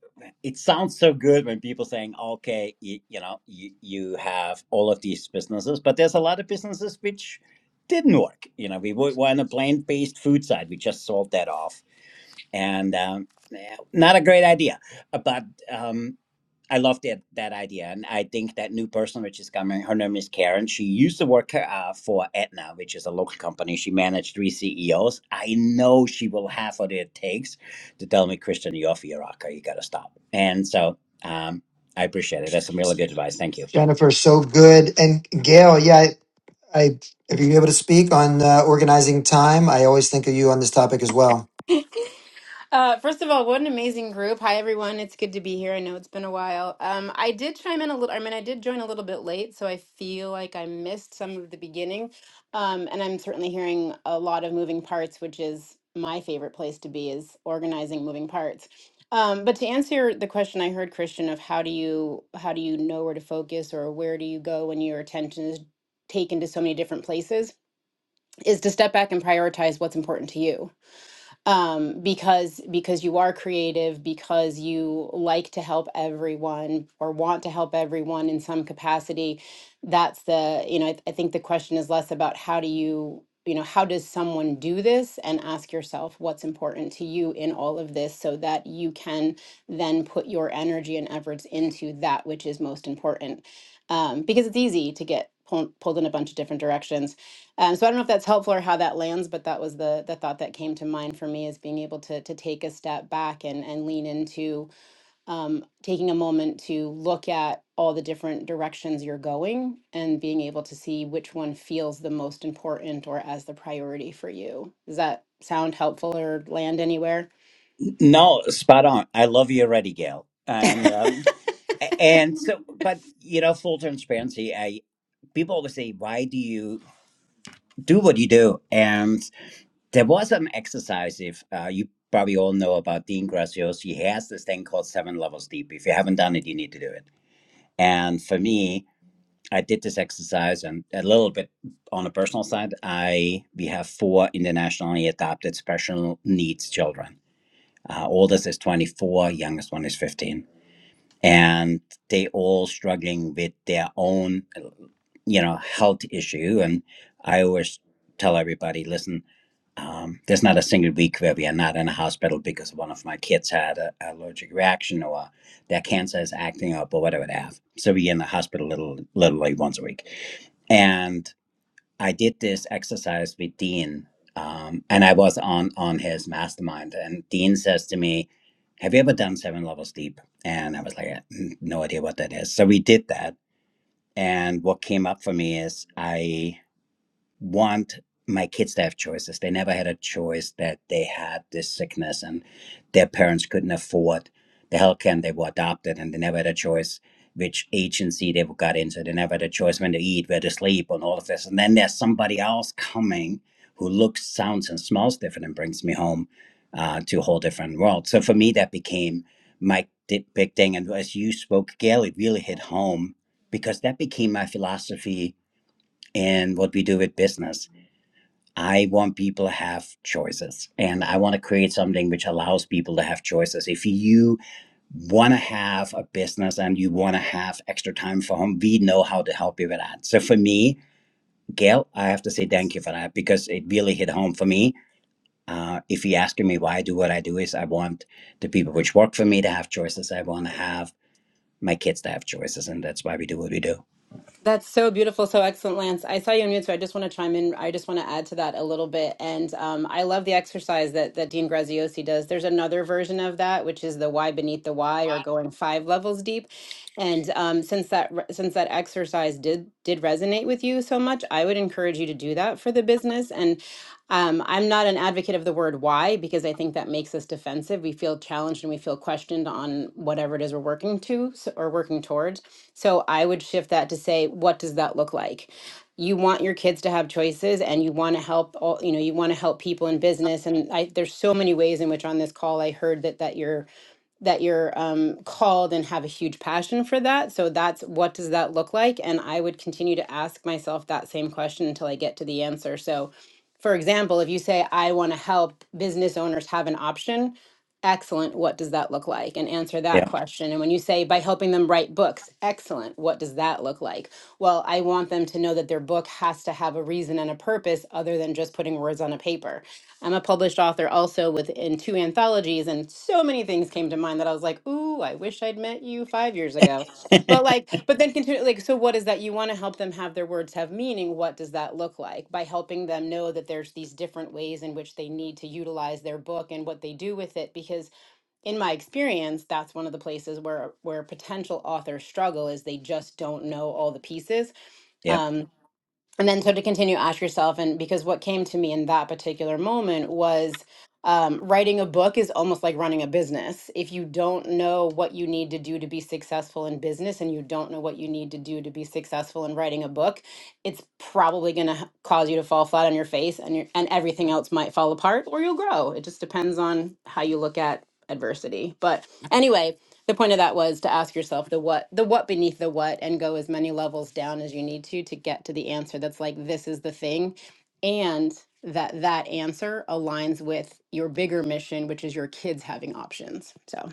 it sounds so good when people saying, "Okay, you, you know, you, you have all of these businesses," but there's a lot of businesses which didn't work. You know, we were were on a plant-based food side. We just sold that off, and um, yeah, not a great idea. Uh, But um, I love that that idea, and I think that new person which is coming, her name is Karen. She used to work uh, for Aetna, which is a local company. She managed three CEOs. I know she will have what it takes to tell me, Christian, you're off your rocker. You got to stop. And so um, I appreciate it. That's some really good advice. Thank you. Jennifer, so good. And Gail, yeah, I, I if you're able to speak on uh, organizing time, I always think of you on this topic as well. Uh, first of all, what an amazing group. Hi, everyone. It's good to be here. I know it's been a while. Um, I did chime in a little, I mean, I did join a little bit late, so I feel like I missed some of the beginning. Um, and I'm certainly hearing a lot of moving parts, which is my favorite place to be is organizing moving parts. Um, but to answer the question I heard, Christian, of how do you how do you know where to focus or where do you go when your attention is taken to so many different places, is to step back and prioritize what's important to you um, because because you are creative, because you like to help everyone or want to help everyone in some capacity. That's the you know I, I think the question is less about how do you you know how does someone do this and ask yourself what's important to you in all of this so that you can then put your energy and efforts into that which is most important um, because it's easy to get pulled, pulled in a bunch of different directions um, so I don't know if that's helpful or how that lands, but that was the the thought that came to mind for me is being able to to take a step back and and lean into um, taking a moment to look at all the different directions you're going and being able to see which one feels the most important or as the priority for you. Does that sound helpful or land anywhere? No, spot on. I love you already, Gail. And um, a- and so, but you know, full transparency. I people always say, why do you do what you do? And There was an exercise, if uh, you probably all know about Dean Graziosi, He has this thing called Seven Levels Deep. If you haven't done it, you need to do it. And for me, I did this exercise and a little bit on the personal side. I we have four internationally adopted special needs children. Uh, oldest is 24, youngest one is 15 and they all struggling with their own uh, you know health issue and i always tell everybody listen um, there's not a single week where we are not in a hospital because one of my kids had an allergic reaction or their cancer is acting up or whatever they have so we in the hospital little literally once a week and I did this exercise with Dean, um, and I was on on his mastermind. And Dean says to me, "Have you ever done seven levels deep?" And I was like, "N- "No idea what that is." So we did that, and what came up for me is I want my kids to have choices. They never had a choice that they had this sickness and their parents couldn't afford the healthcare, and they were adopted and they never had a choice which agency they got into. They never had a choice when to eat, where to sleep, and all of this. And then there's somebody else coming who looks, sounds, and smells different and brings me home uh, to a whole different world. So for me, that became my big thing. And as you spoke, Gail, it really hit home because that became my philosophy in what we do with business I want people to have choices and I want to create something which allows people to have choices. If you want to have a business and you want to have extra time for home, we know how to help you with that. So for me, Gail, I have to say thank you for that because it really hit home for me. Uh, if you're asking me why I do what I do is I want the people which work for me to have choices. I want to have my kids to have choices and that's why we do what we do. That's so beautiful, so excellent, Lance. I saw you on mute, so I just want to chime in. I just want to add to that a little bit, and um, I love the exercise that that Dean Graziosi does. There's another version of that, which is the why beneath the why, or going five levels deep. And um, since that re- since that exercise did did resonate with you so much, I would encourage you to do that for the business. And um, I'm not an advocate of the word why because I think that makes us defensive. We feel challenged and we feel questioned on whatever it is we're working to s- or working towards. So I would shift that to say, what does that look like? You want your kids to have choices and you want to help all, you know, you want to help people in business. And I, there's so many ways in which on this call I heard that that you're that you're um, called and have a huge passion for that. So that's what does that look like? And I would continue to ask myself that same question until I get to the answer. So for example, if you say, I want to help business owners have an option, excellent. What does that look like? And answer that Yeah. question. And when you say, by helping them write books, excellent. What does that look like? Well, I want them to know that their book has to have a reason and a purpose other than just putting words on a paper. I'm a published author also within two anthologies, and so many things came to mind that I was like, ooh, I wish I'd met you five years ago. But like, but then continue like, so what is that? You want to help them have their words have meaning. What does that look like? By helping them know that there's these different ways in which they need to utilize their book and what they do with it. Because in my experience, that's one of the places where where potential authors struggle is they just don't know all the pieces. Yeah. Um, and then so to continue, ask yourself, and because what came to me in that particular moment was um, writing a book is almost like running a business. If you don't know what you need to do to be successful in business and you don't know what you need to do to be successful in writing a book, it's probably going to cause you to fall flat on your face and your, and everything else might fall apart or you'll grow. It just depends on how you look at adversity. But anyway, the point of that was to ask yourself the what the what beneath the what and go as many levels down as you need to to get to the answer that's like this is the thing and that that answer aligns with your bigger mission which is your kids having options so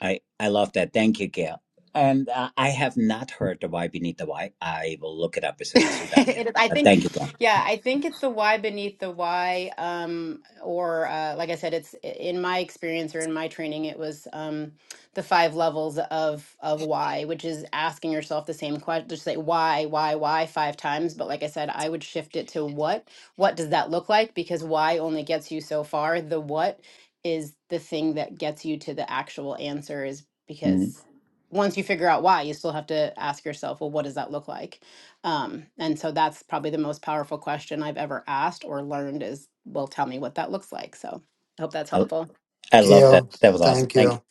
I I love that. Thank you, Gail. And uh, I have not heard the why beneath the why. I will look it up as soon as we're done here. It is, I Uh, think, thank you, Gail. yeah, I think it's the why beneath the why. Um, or uh, like I said, it's in my experience or in my training, it was um, the five levels of of why, which is asking yourself the same question, just say why, why, why five times. But like I said, I would shift it to what. What does that look like? Because why only gets you so far. The what is the thing that gets you to the actual answer. Is Mhm. because once you figure out why, you still have to ask yourself, well, what does that look like? Um, and so that's probably the most powerful question I've ever asked or learned is, well, tell me what that looks like. So I hope that's I, helpful. I love that. Gail, That was awesome. thank Thank you. you.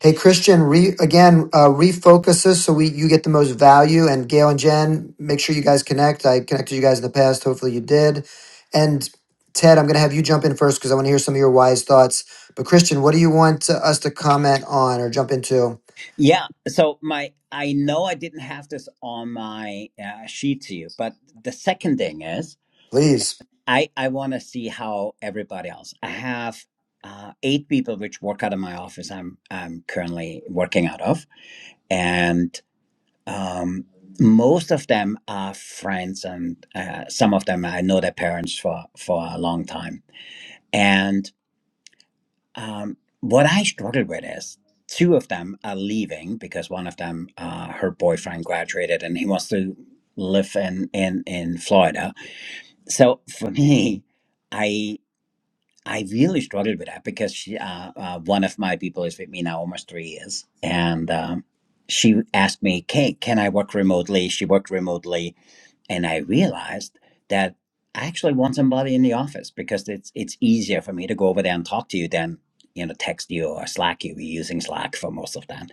Hey, Christian, re, again, uh, refocus us so we you get the most value. And Gail and Jen, make sure you guys connect. I connected you guys in the past. Hopefully you did. And Ted, I'm going to have you jump in first because I want to hear some of your wise thoughts. But Christian, what do you want uh, us to comment on or jump into? Yeah. So my I know I didn't have this on my uh, sheet to you, but the second thing is Please. I I want to see how everybody else. I have. Uh, eight people which work out of my office I'm I'm currently working out of and. Um, most of them are friends, and uh, some of them I know their parents for for a long time. And um, what I struggle with is two of them are leaving because one of them, uh, her boyfriend graduated, and he wants to live in in in Florida. So for me, I. I really struggled with that because she, uh, uh, one of my people is with me now almost three years, and um, she asked me, "Kate, can I work remotely?" She worked remotely, and I realized that I actually want somebody in the office because it's it's easier for me to go over there and talk to you than you know text you or Slack you. We're using Slack for most of that,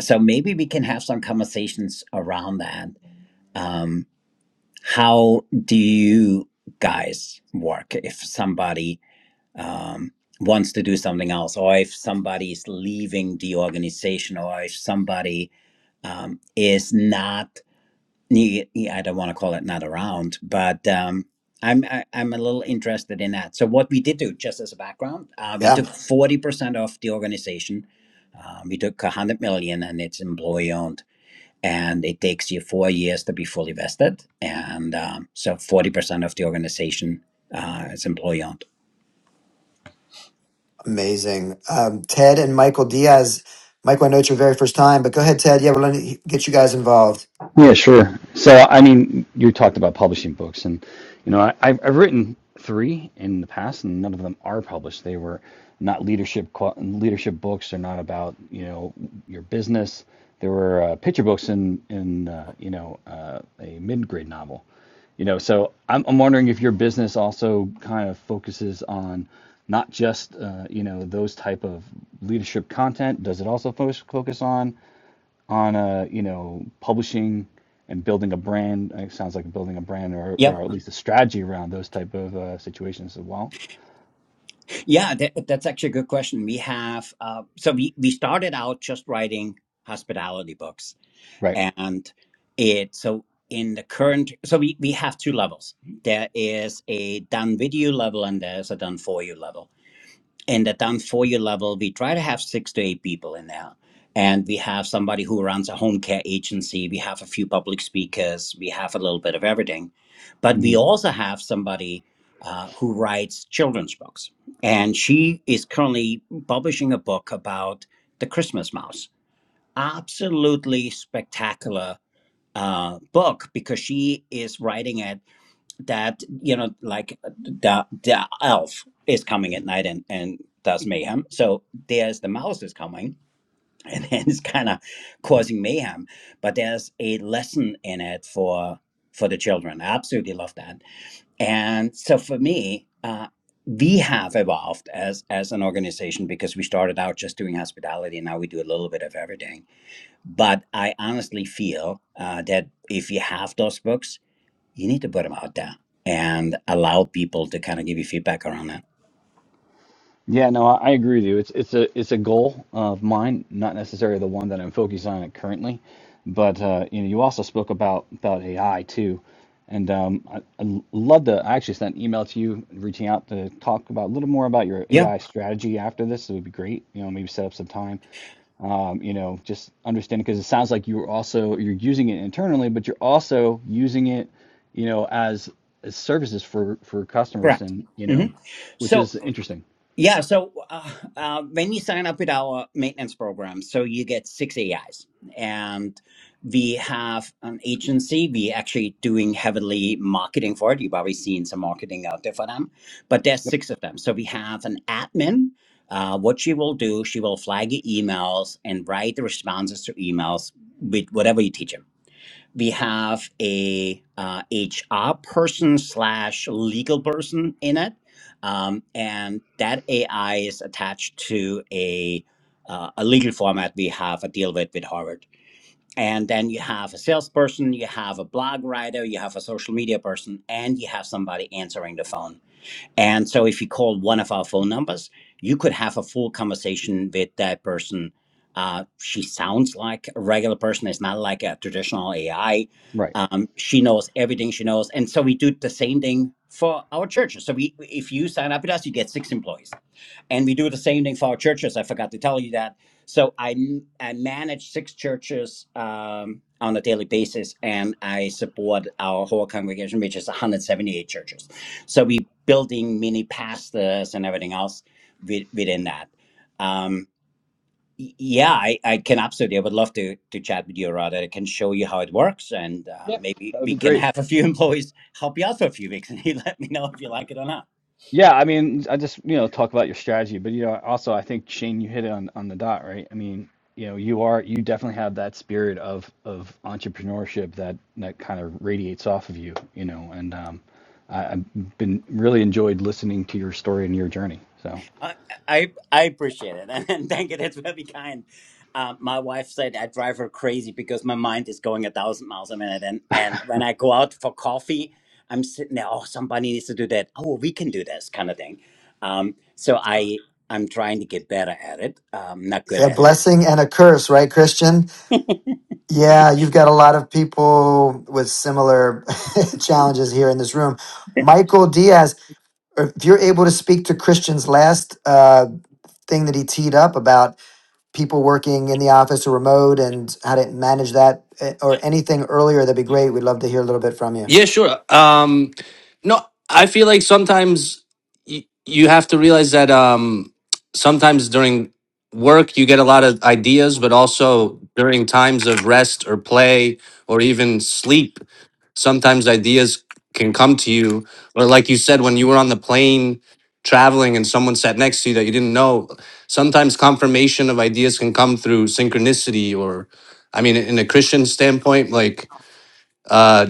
so maybe we can have some conversations around that. Um, how do you guys work if somebody um, wants to do something else, or if somebody is leaving the organization, or if somebody um, is not Ye- ye- I don't want to call it not around, but um, I'm I, I'm a little interested in that. So what we did do, just as a background, uh, we yeah. took forty percent of the organization. Uh, we took a hundred million, and it's employee owned, and it takes you four years to be fully vested, and um, so forty percent of the organization uh, is employee owned. Amazing. Um, Ted and Michael Diaz. Michael, I know it's your very first time, but go ahead, Ted. Yeah, we're going to get you guys involved. Yeah, sure. So, I mean, you talked about publishing books, and you know, I, I've, I've written three in the past, and none of them are published. They were not leadership qua- leadership books. They're not about you know your business. There were uh, picture books in in uh, you know uh, a mid grade novel. You know, so I'm, I'm wondering if your business also kind of focuses on not just uh, you know those type of leadership content. Does it also fo- focus on on a, you know, publishing and building a brand. It sounds like building a brand or, Yeah, or at least a strategy around those type of uh, situations as well. Yeah, that, that's actually a good question. We have uh, so we we started out just writing hospitality books Right. and it so in the current so we, we have two levels there is a done with you level and there's a done for you level in the done for you level we try to have six to eight people in there and we have somebody who runs a home care agency we have a few public speakers we have a little bit of everything but hmm we also have somebody uh, who writes children's books and she is currently publishing a book about the christmas mouse absolutely spectacular uh, book because she is writing it that you know like the the elf is coming at night and and does mayhem so there's the mouse is coming and then it's kind of causing mayhem but there's a lesson in it for for the children i absolutely love that and so for me uh we have evolved as as an organization because we started out just doing hospitality and now we do a little bit of everything but I honestly feel uh, that if you have those books, you need to put them out there and allow people to kind of give you feedback around that. Yeah, no, I, I agree with you. It's it's a it's a goal of mine, not necessarily the one that I'm focused on it currently, but uh, you know, you also spoke about about AI too, and um, I, I love to. I actually sent an email to you reaching out to talk about a little more about your Yeah, AI strategy after this. It would be great. You know, maybe set up some time. um, you know, just understanding because it sounds like you're also you're using it internally, but you're also using it, you know, as, as services for for customers, correct. and you hmm know, which So is interesting, Yeah. So uh, uh, when you sign up with our maintenance program, so you get six AIs, and we have an agency. We actually doing heavily marketing for it. You've already seen some marketing out there for them, but there's six of them. So we have an admin. Uh, what she will do, she will flag your emails and write the responses to emails with whatever you teach them we have a uh, HR person slash legal person in it, um, and that AI is attached to a uh, a legal format we have a deal with with Harvard. And then you have a salesperson, you have a blog writer, you have a social media person, and you have somebody answering the phone. And so if you call one of our phone numbers, you could have a full conversation with that person. Uh, she sounds like a regular person. It's not like a traditional AI. right? Um, she knows everything she knows. And so we do the same thing for our churches. So we, if you sign up with us, you get six employees and we do the same thing for our churches. I forgot to tell you that. So I I manage six churches um, on a daily basis, and I support our whole congregation, which is 178 churches. So we building mini pastors and everything else wi- within that. Um, y- yeah, I, I can absolutely. I would love to to chat with you, Rod. I can show you how it works, and uh, Yep, maybe that would we be can great. have a few employees help you out for a few weeks, and you let me know if you like it or not. Yeah, I mean, I just you know talk about your strategy, but you know, also I think Shane, you hit it on on the dot, right? I mean, you know, you are you definitely have that spirit of of entrepreneurship that that kind of radiates off of you, you know, and um, I, I've been really enjoyed listening to your story and your journey, so. I I I appreciate it, and thank you. That's very kind. Uh, my wife said I drive her crazy because my mind is going a thousand miles a minute, and and when I go out for coffee, I'm sitting there. Oh, somebody needs to do that. Oh, we can do this kind of thing. Um, so I I'm trying to get better at it. Um, not good A at it. blessing and a curse, right, Christian? Yeah, you've got a lot of people with similar challenges here in this room. Michael Diaz, if you're able to speak to Christian's last uh, thing that he teed up about people working in the office or remote and how to manage that eh, or anything earlier, that'd be great. We'd love to hear a little bit from you. Yeah, sure. Um, no, I feel like sometimes y- you have to realize that um, sometimes during work you get a lot of ideas, but also during times of rest or play or even sleep, sometimes ideas can come to you. Or like you said, when you were on the plane traveling and someone sat next to you that you didn't know, sometimes confirmation of ideas can come through synchronicity or, I mean, in a Christian standpoint, like uh,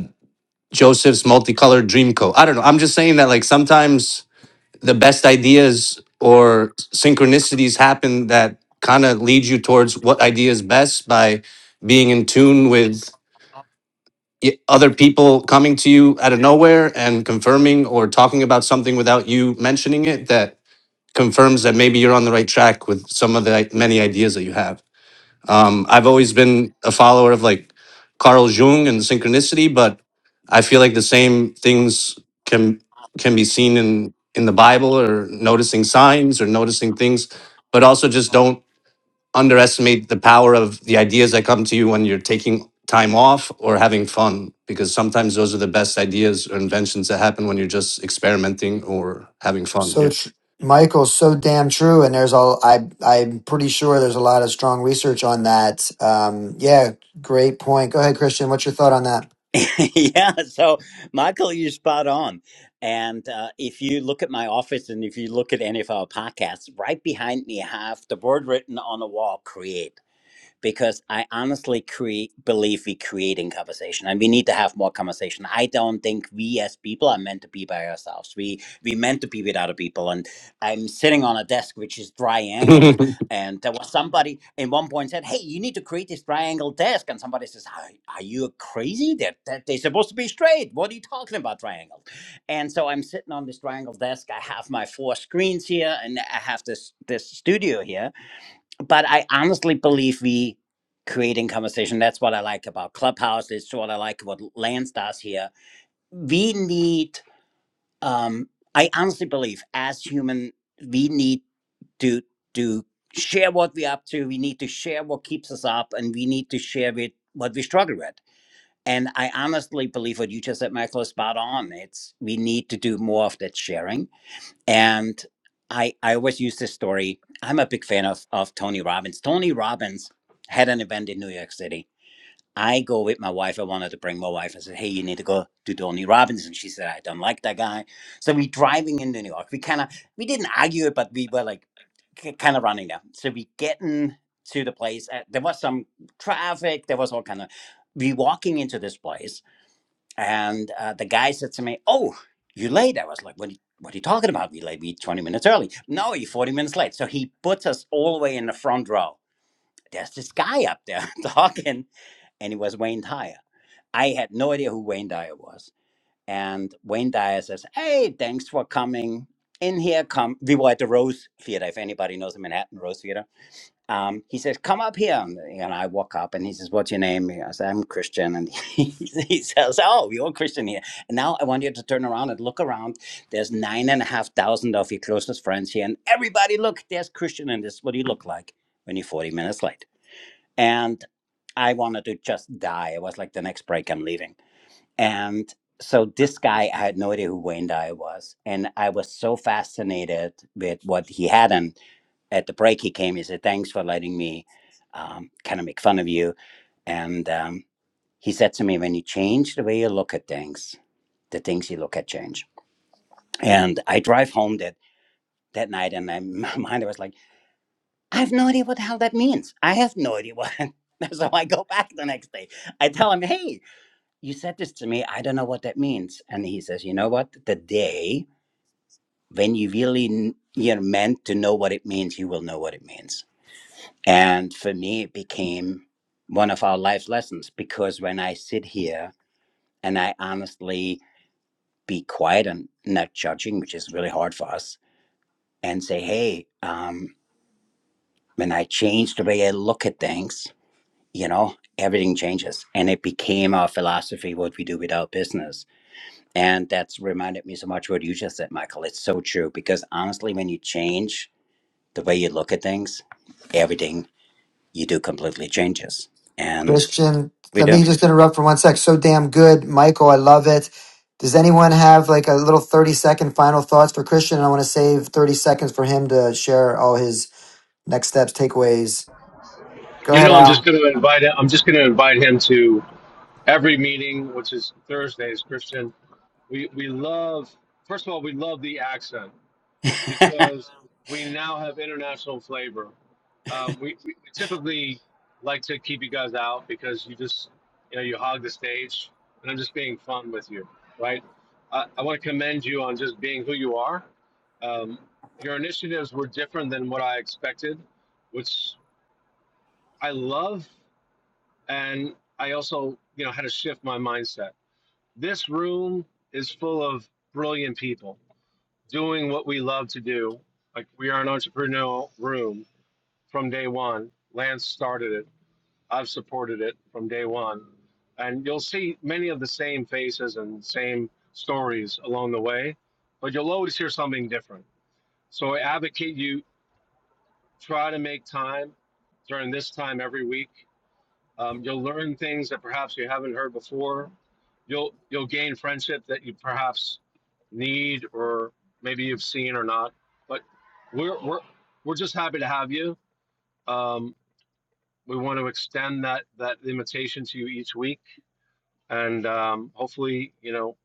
Joseph's multicolored dream coat. I don't know. I'm just saying that like sometimes the best ideas or synchronicities happen that kind of lead you towards what idea is best by being in tune with y- other people coming to you out of nowhere and confirming or talking about something without you mentioning it that confirms that maybe you're on the right track with some of the many ideas that you have. Um, I've always been a follower of like Carl Jung and synchronicity, but I feel like the same things can can be seen in in the Bible or noticing signs or noticing things, but also just don't underestimate the power of the ideas that come to you when you're taking time off or having fun because sometimes those are the best ideas or inventions that happen when you're just experimenting or having fun. So tr- Michael's so damn true, and there's all I I'm pretty sure there's a lot of strong research on that. Um, yeah, great point. Go ahead, Christian. What's your thought on that, yeah. So Michael, you're spot on. And uh, if you look at my office, and if you look at any of our podcasts, right behind me, I have the word written on the wall: create because I honestly create, believe we create in conversation, and we need to have more conversation. I don't think we as people are meant to be by ourselves. We we meant to be with other people, and I'm sitting on a desk which is Yeah. triangled, and there was somebody in one point said, "Hey, you need to create this triangle desk," and somebody says, "Are, are you crazy? That that they they're supposed to be straight. What are you talking about triangle?" And so I'm sitting on this triangle desk. I have my four screens here, and I have this this studio here but I honestly believe we creating conversation. That's what I like about Clubhouse. It's what I like about Lance does here. We need. Um, I honestly believe as human, we need to to share what we're up to. We need to share what keeps us up, and we need to share with what we struggle with. And I honestly believe what you just said, Michael, is spot on. It's we need to do more of that sharing and I I always use this story. I'm a big fan of of Tony Robbins. Tony Robbins had an event in New York City. I go with my wife. I wanted to bring my wife. I said, "Hey, you need to go to Tony Robbins," and she said, "I don't like that guy." So we driving into New York. We kind of we didn't argue it, but we were like kind of running there. So we getting to the place. Uh, there was some traffic. There was all kind of. We walking into this place and uh, the guy said to me, "Oh, you are late?" I was like, "What? Are you, what are you talking about? We late? We twenty minutes early? No, you're forty minutes late." So he puts us all the way in the front row. There's this guy up there talking, and he was Wayne Dyer. I had no idea who Wayne Dyer was. And Wayne Dyer says, "Hey, thanks for coming in here. Come." We were at the Rose Theater. If anybody knows the Manhattan Rose Theater um, he says, "Come up here," and, and I walk up, and he says, "What's your name?" I said, "I'm Christian," and he, he says, "Oh, you're Christian here." And now I want you to turn around and look around. There's nine and a half thousand of your closest friends here, and everybody, look, there's Christian, and this is what he looked like when you're 40 minutes late. And I wanted to just die. It was like the next break, I'm leaving, and. So this guy, I had no idea who Wayne Dyer was, and I was so fascinated with what he had, and at the break he came he said thanks for letting me um, kind of make fun of you and um, he said to me when you change the way you look at things the things you look at change and i drive home that that night and I, my mind was like i have no idea what the hell that means i have no idea what so i go back the next day i tell him hey you said this to me i don't know what that means and he says you know what the day when you really you're meant to know what it means you will know what it means And for me, it became one of our life lessons because when I sit here and I honestly be quiet and not judging, which is really hard for us, and say, hey, um, when I change the way I look at things, you know, everything changes. And it became our philosophy, what we do with our business. And that's reminded me so much what you just said, Michael. It's so true because honestly, when you change the way you look at things, everything you do completely changes. And Christian? we Let do. me just interrupt for one sec. So damn good, Michael. I love it. Does anyone have like a little thirty second final thoughts for Christian? I want to save thirty seconds for him to share all his next steps, takeaways. Go You ahead, know, I'm just Al. going to invite. him. I'm just going to invite him to every meeting, which is Thursdays. Christian, we we love. First of all, we love the accent because we now have international flavor. Uh, we, we typically like to keep you guys out because you just, you know, you hog the stage, and I'm just being fun with you, right? I, I want to commend you on just being who you are. Um, your initiatives were different than what I expected, which I love, and I also, you know, had to shift my mindset. This room is full of brilliant people doing what we love to do. Like we are an entrepreneurial room from day one. Lance started it I've supported it from day one. And you'll see many of the same faces and same stories along the way, but you'll always hear something different. So I advocate you try to make time during this time every week. Um, you'll learn things that perhaps you haven't heard before. You'll you'll gain friendship that you perhaps need or maybe you've seen or not. But we're we're we're just happy to have you. Um, we want to extend that that invitation to you each week and um, hopefully, you know,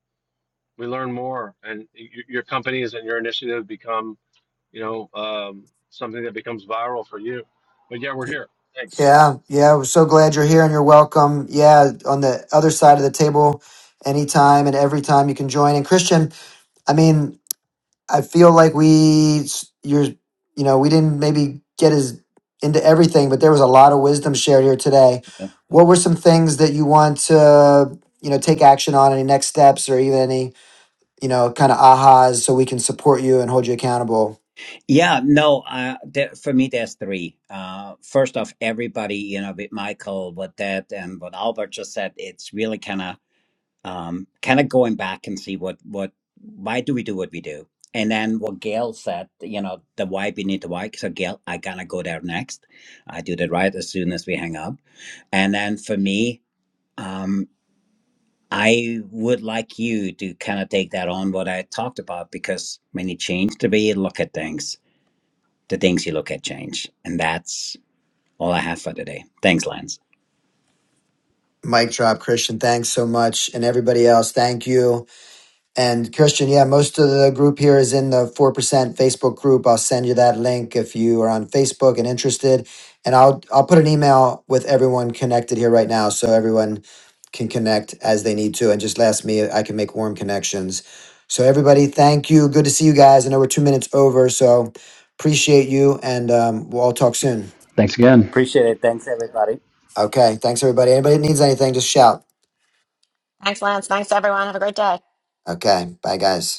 we learn more, and y- your companies and your initiative become, you know, um, something that becomes viral for you. But yeah, we're here. Thanks. Yeah, yeah. We're so glad you're here and you're welcome. Yeah, on the other side of the table, anytime and every time you can join. And Christian, I mean, I feel like we, you're, you know, we didn't maybe get as into everything, but there was a lot of wisdom shared here today. What were some things that you want to, you know, take action on? Any next steps or even any, you know, kind of ahas so we can support you and hold you accountable? Yeah, no, uh, there, for me, there's three. Uh, first off, everybody, you know, with Michael, what that, and what Albert just said, it's really kind of, um, kind of going back and see what, what, why do we do what we do? And then what Gail said, you know, the why beneath the why. So Gail, I got to go there next. I do that right as soon as we hang up. And then for me, um, I would like you to kind of take that on what I talked about because when you change the way you look at things, the things you look at change. And that's all I have for today. Thanks, Lance. Mic drop, Christian. Thanks so much. And everybody else, thank you. And Christian, yeah, most of the group here is in the 4% Facebook group. I'll send you that link if you are on Facebook and interested. And I'll I'll put an email with everyone connected here right now so everyone can connect as they need to and just ask me I can make warm connections. So everybody, thank you. Good to see you guys. I know we're 2 minutes over, so appreciate you and um, we'll all talk soon. Thanks again. Appreciate it. Thanks, everybody. Okay, thanks everybody. Anybody that needs anything just shout. Thanks, Lance. Thanks, everyone. Have a great day. Okay, bye guys.